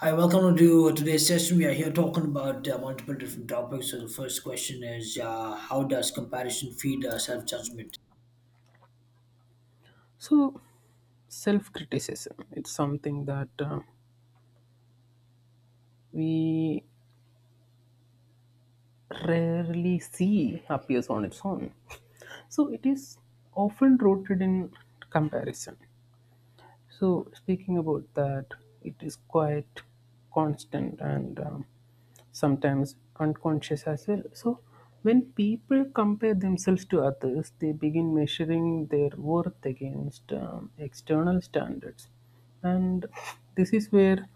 Hi, welcome to today's session. We are here talking about multiple different topics. So the first question is, how does comparison feed self-judgment? So, self criticism it's something that we rarely see appears on its own. So, it is often rooted in comparison. So speaking about that, it is quite constant and sometimes unconscious as well. So when people compare themselves to others, they begin measuring their worth against external standards, and this is where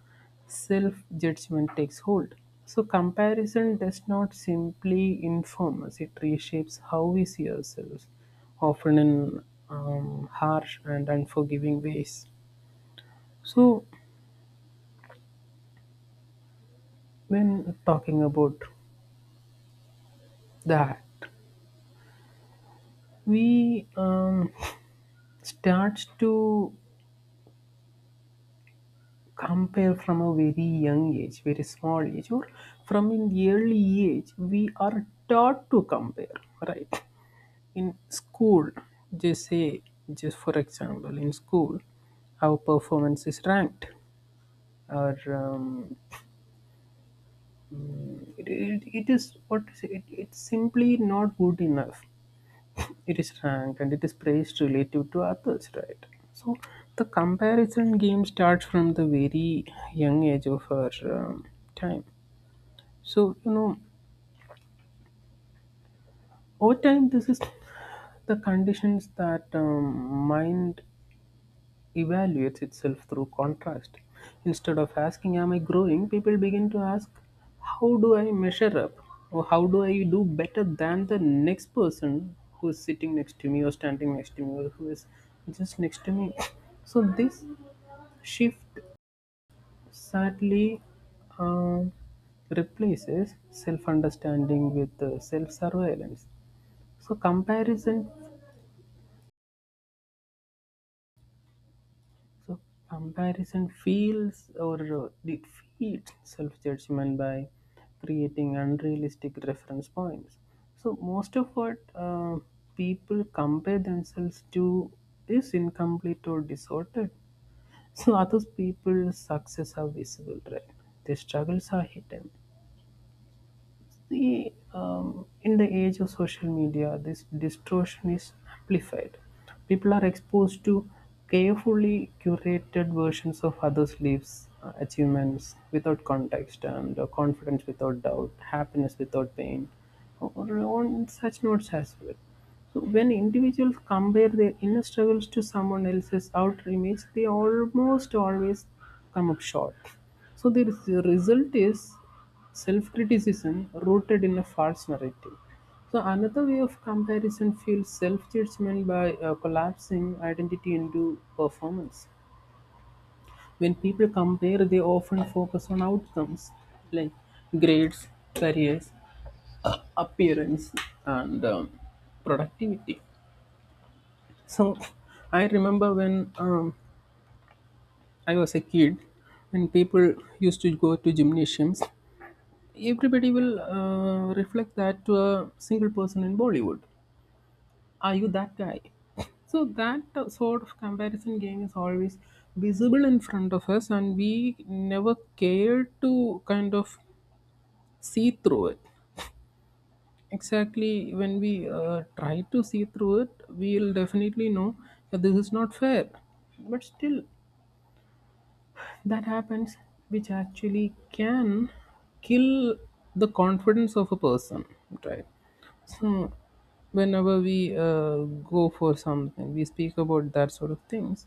self-judgment takes hold. So comparison does not simply inform us; it reshapes how we see ourselves, often in harsh and unforgiving ways. So, when talking about that, we start to compare from a very young age, very small age, or from an early age, we are taught to compare, right? In school, just say, just for example, in school, our performance is ranked, or it is what is it, it's simply not good enough, it is ranked and it is priced relative to others, right? So the comparison game starts from the very young age of our time. So, you know, over time this is the conditions that mind evaluates itself through contrast. Instead of asking, am I growing? People begin to ask, how do I measure up? Or how do I do better than the next person who is sitting next to me, or standing next to me, or who is just next to me? So, this shift sadly um, replaces self understanding with self surveillance. So, comparison So, comparison feels or defeats self-judgment by creating unrealistic reference points. So most of what people compare themselves to is incomplete or distorted. So others people's success are visible, right? Their struggles are hidden. See, in the age of social media, this distortion is amplified. People are exposed to carefully curated versions of others' lives, achievements without context, and confidence without doubt, happiness without pain, or on such notes as well. So when individuals compare their inner struggles to someone else's outer image, they almost always come up short. So the result is self-criticism rooted in a false narrative. So another way of comparison fuels self-judgment by collapsing identity into performance. When people compare, they often focus on outcomes like grades, careers, appearance, and productivity. So I remember when I was a kid, when people used to go to gymnasiums, everybody will reflect that to a single person in Bollywood. Are you that guy? So that sort of comparison game is always visible in front of us, and we never care to kind of see through it. Exactly, when we try to see through it, we'll definitely know that this is not fair. But still, that happens, which actually can kill the confidence of a person, right? So whenever we go for something, we speak about that sort of things.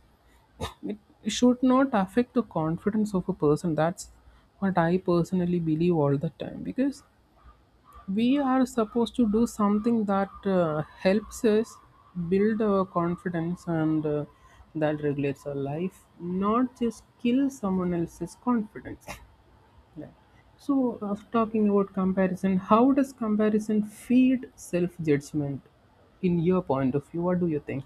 It should not affect the confidence of a person. That's what I personally believe all the time, because we are supposed to do something that helps us build our confidence and that regulates our life, not just kill someone else's confidence. Yeah. So talking about comparison, how does comparison feed self-judgment in your point of view? What do you think?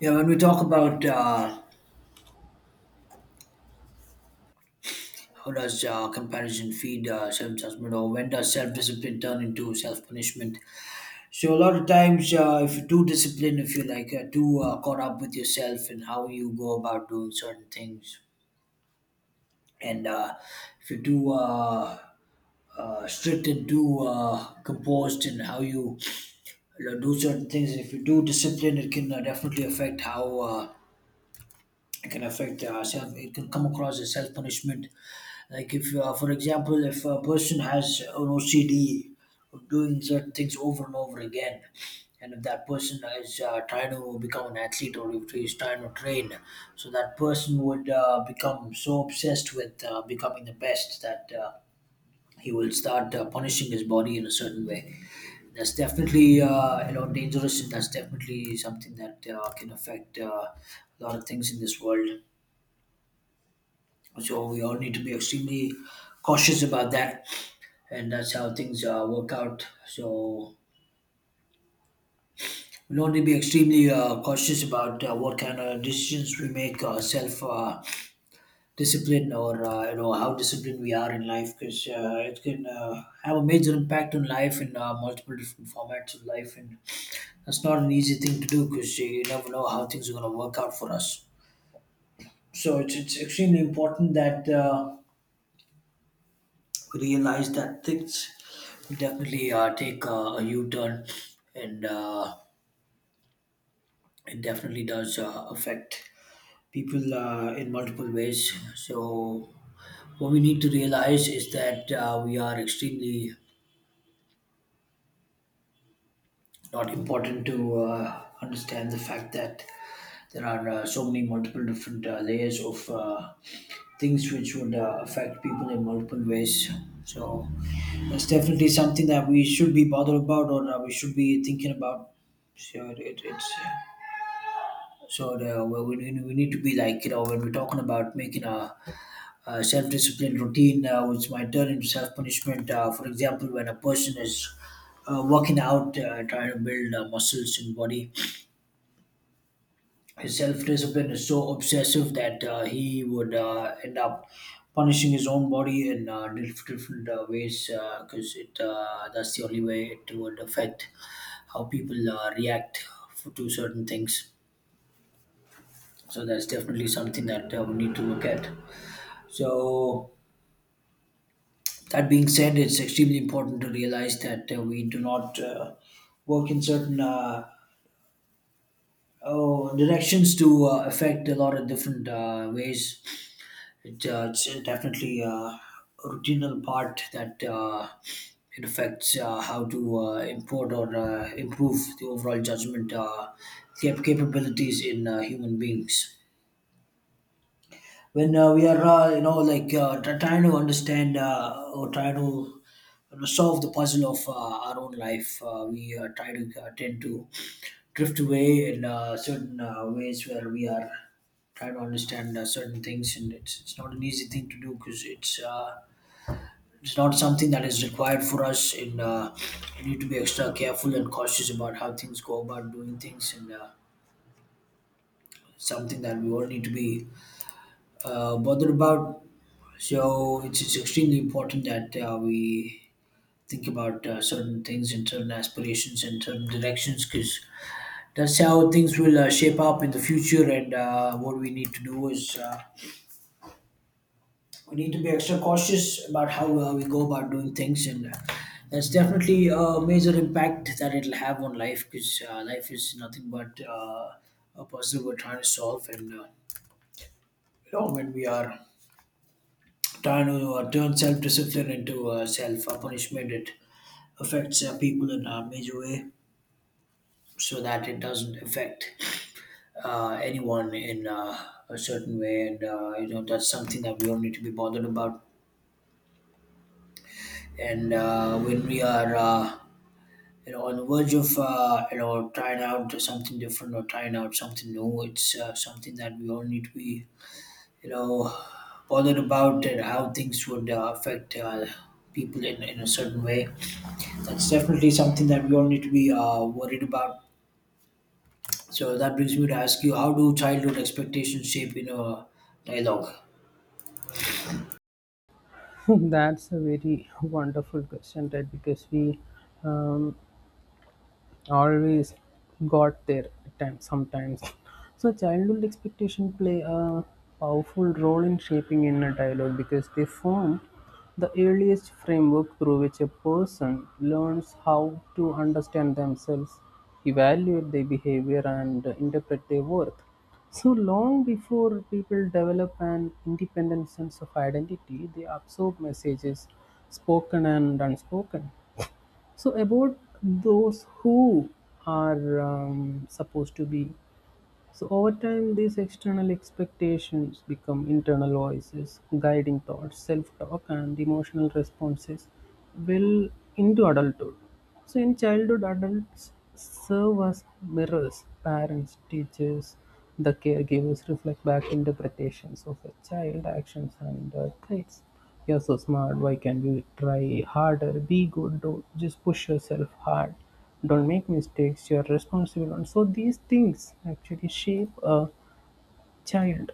Yeah, when we talk about how does comparison feed self-judgment, or when does self-discipline turn into self-punishment? So a lot of times, if you're too disciplined, if you're like too caught up with yourself and how you go about doing certain things, and if you're too strict and too composed in how you do certain things. If you do discipline, it can definitely affect how it can affect self. It can come across as self punishment. Like if, for example, if a person has an OCD of doing certain things over and over again, and if that person is trying to become an athlete or if he's trying to train, so that person would become so obsessed with becoming the best that. He will start punishing his body in a certain way that's definitely you know dangerous, and that's definitely something that can affect a lot of things in this world. So we all need to be extremely cautious about that, and that's how things work out. So we'll only be extremely cautious about what kind of decisions we make, self discipline, or you know how disciplined we are in life, because it can have a major impact on life in multiple different formats of life and that's not an easy thing to do because you never know how things are going to work out for us. So it's extremely important that we realize that things will definitely take a U turn and it definitely does affect people in multiple ways. So, what we need to realize is that we are extremely not important to understand the fact that there are so many multiple different layers of things which would affect people in multiple ways. So that's definitely something that we should be bothered about or we should be thinking about. So it, it's so the, well, we need to be like you know when we're talking about making a self-discipline routine, which might turn into self-punishment. For example, when a person is working out, trying to build muscles in body, his self discipline is so obsessive that he would end up punishing his own body in different ways because it that's the only way it would affect how people react f to certain things. So that's definitely something that we need to look at. So that being said, it's extremely important to realize that we do not work in certain oh, directions to affect a lot of different ways. It's definitely a routine part that it affects how to import or improve the overall judgment capabilities in human beings. When we are, you know, like trying to understand or try to you know, solve the puzzle of our own life, we try to tend to drift away in certain ways where we are trying to understand certain things, and it's not an easy thing to do because it's not something that is required for us, and we need to be extra careful and cautious about how things go about doing things, and something that we all need to be bothered about. So it's extremely important that we think about certain things and certain aspirations and certain directions because that's how things will shape up in the future and what we need to do is we need to be extra cautious about how we go about doing things and that's definitely a major impact that it'll have on life because life is nothing but a puzzle we're trying to solve and you know when we are trying to turn self-discipline into self-punishment it affects people in a major way so that it doesn't affect anyone in a certain way. And you know that's something that we all need to be bothered about. And when we are you know on the verge of you know trying out something different or trying out something new, it's something that we all need to be you know bothered about and how things would affect. People in a certain way that's definitely something that we all need to be worried about. So that brings me to ask you, how do childhood expectations shape you know dialogue? That's a very wonderful question, right? Because we, um, always got there at times sometimes. So childhood expectation play a powerful role in shaping inner dialogue because they form the earliest framework through which a person learns how to understand themselves, evaluate their behavior and interpret their worth. So long before people develop an independent sense of identity, they absorb messages, spoken and unspoken, so about those who are supposed to be. So over time, these external expectations become internal voices, guiding thoughts, self-talk, and emotional responses. Will into adulthood. So in childhood, adults serve as mirrors. Parents, teachers, the caregivers reflect back interpretations of a child actions and traits. You're so smart, why can't you try harder? Be good, don't just push yourself hard. Don't make mistakes, you're responsible. And so these things actually shape a child.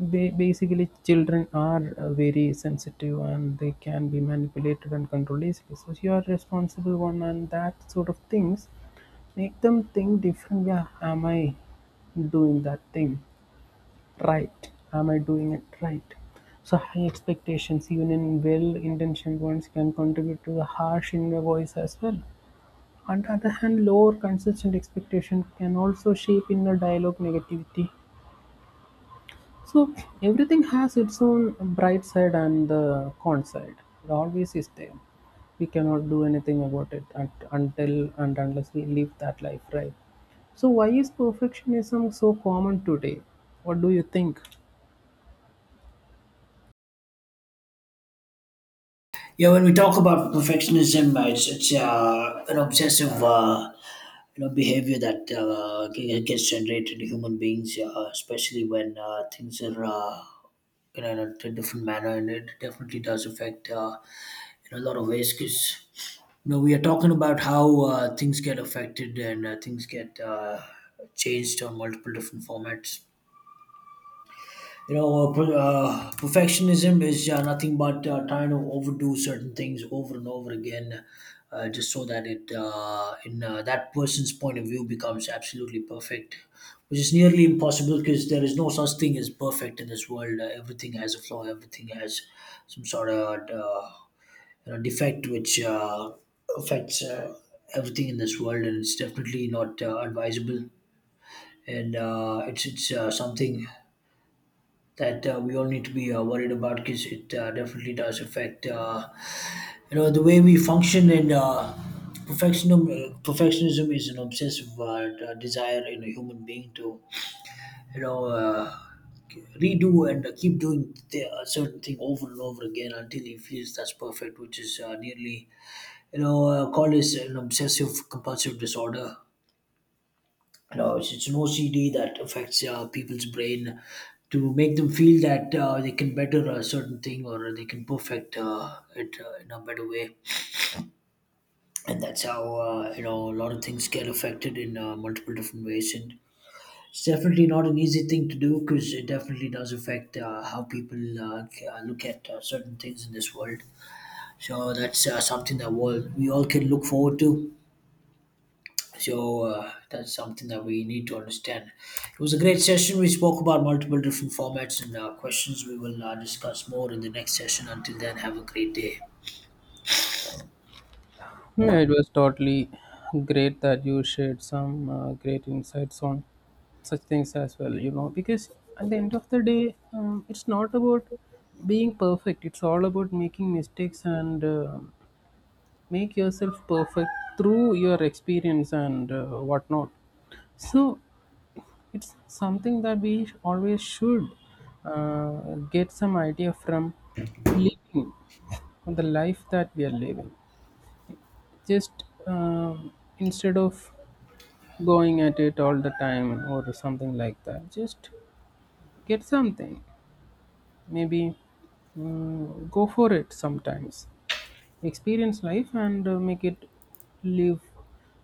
They basically children are very sensitive and they can be manipulated and controlled easily. So you're responsible one and that sort of things make them think different. Yeah, am I doing that thing? Right. Am I doing it right? So high expectations, even in well-intentioned ones, can contribute to the harsh inner voice as well. On the other hand, lower consistent expectation can also shape inner dialogue negativity. So everything has its own bright side and the con side. It always is there. We cannot do anything about it until and unless we live that life, right? So why is perfectionism so common today? What do you think? Yeah, when we talk about perfectionism, it's an obsessive you know behavior that gets generated in human beings, especially when things are you know in a different manner, and it definitely does affect in a lot of ways because you know we are talking about how things get affected and things get changed on multiple different formats. You know, perfectionism is nothing but trying to overdo certain things over and over again, just so that it, in that person's point of view, becomes absolutely perfect, which is nearly impossible because there is no such thing as perfect in this world. Everything has a flaw. Everything has some sort of you know, defect which affects everything in this world, and it's definitely not advisable. And it's something that we all need to be worried about because it definitely does affect you know the way we function and perfectionism is an obsessive desire in a human being to you know redo and keep doing a certain thing over and over again until he feels that's perfect which is nearly you know called as an obsessive compulsive disorder. You know, it's an OCD that affects people's brain to make them feel that they can better a certain thing or they can perfect it in a better way. And that's how, you know, a lot of things get affected in multiple different ways. And it's definitely not an easy thing to do because it definitely does affect how people look at certain things in this world. So that's something that we all can look forward to. So that's something that we need to understand. It was a great session. We spoke about multiple different formats and questions. We will discuss more in the next session. Until then, have a great day. Yeah, it was totally great that you shared some great insights on such things as well, you know, because at the end of the day, it's not about being perfect, it's all about making mistakes and make yourself perfect through your experience and whatnot. So it's something that we always should uh, get some idea from living the life that we are living, just instead of going at it all the time or something like that, just get something, maybe go for it sometimes, experience life and make it live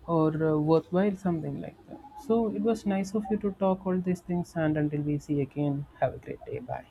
or worthwhile, something like that. So it was nice of you to talk all these things, and until we see again, have a great day. Bye.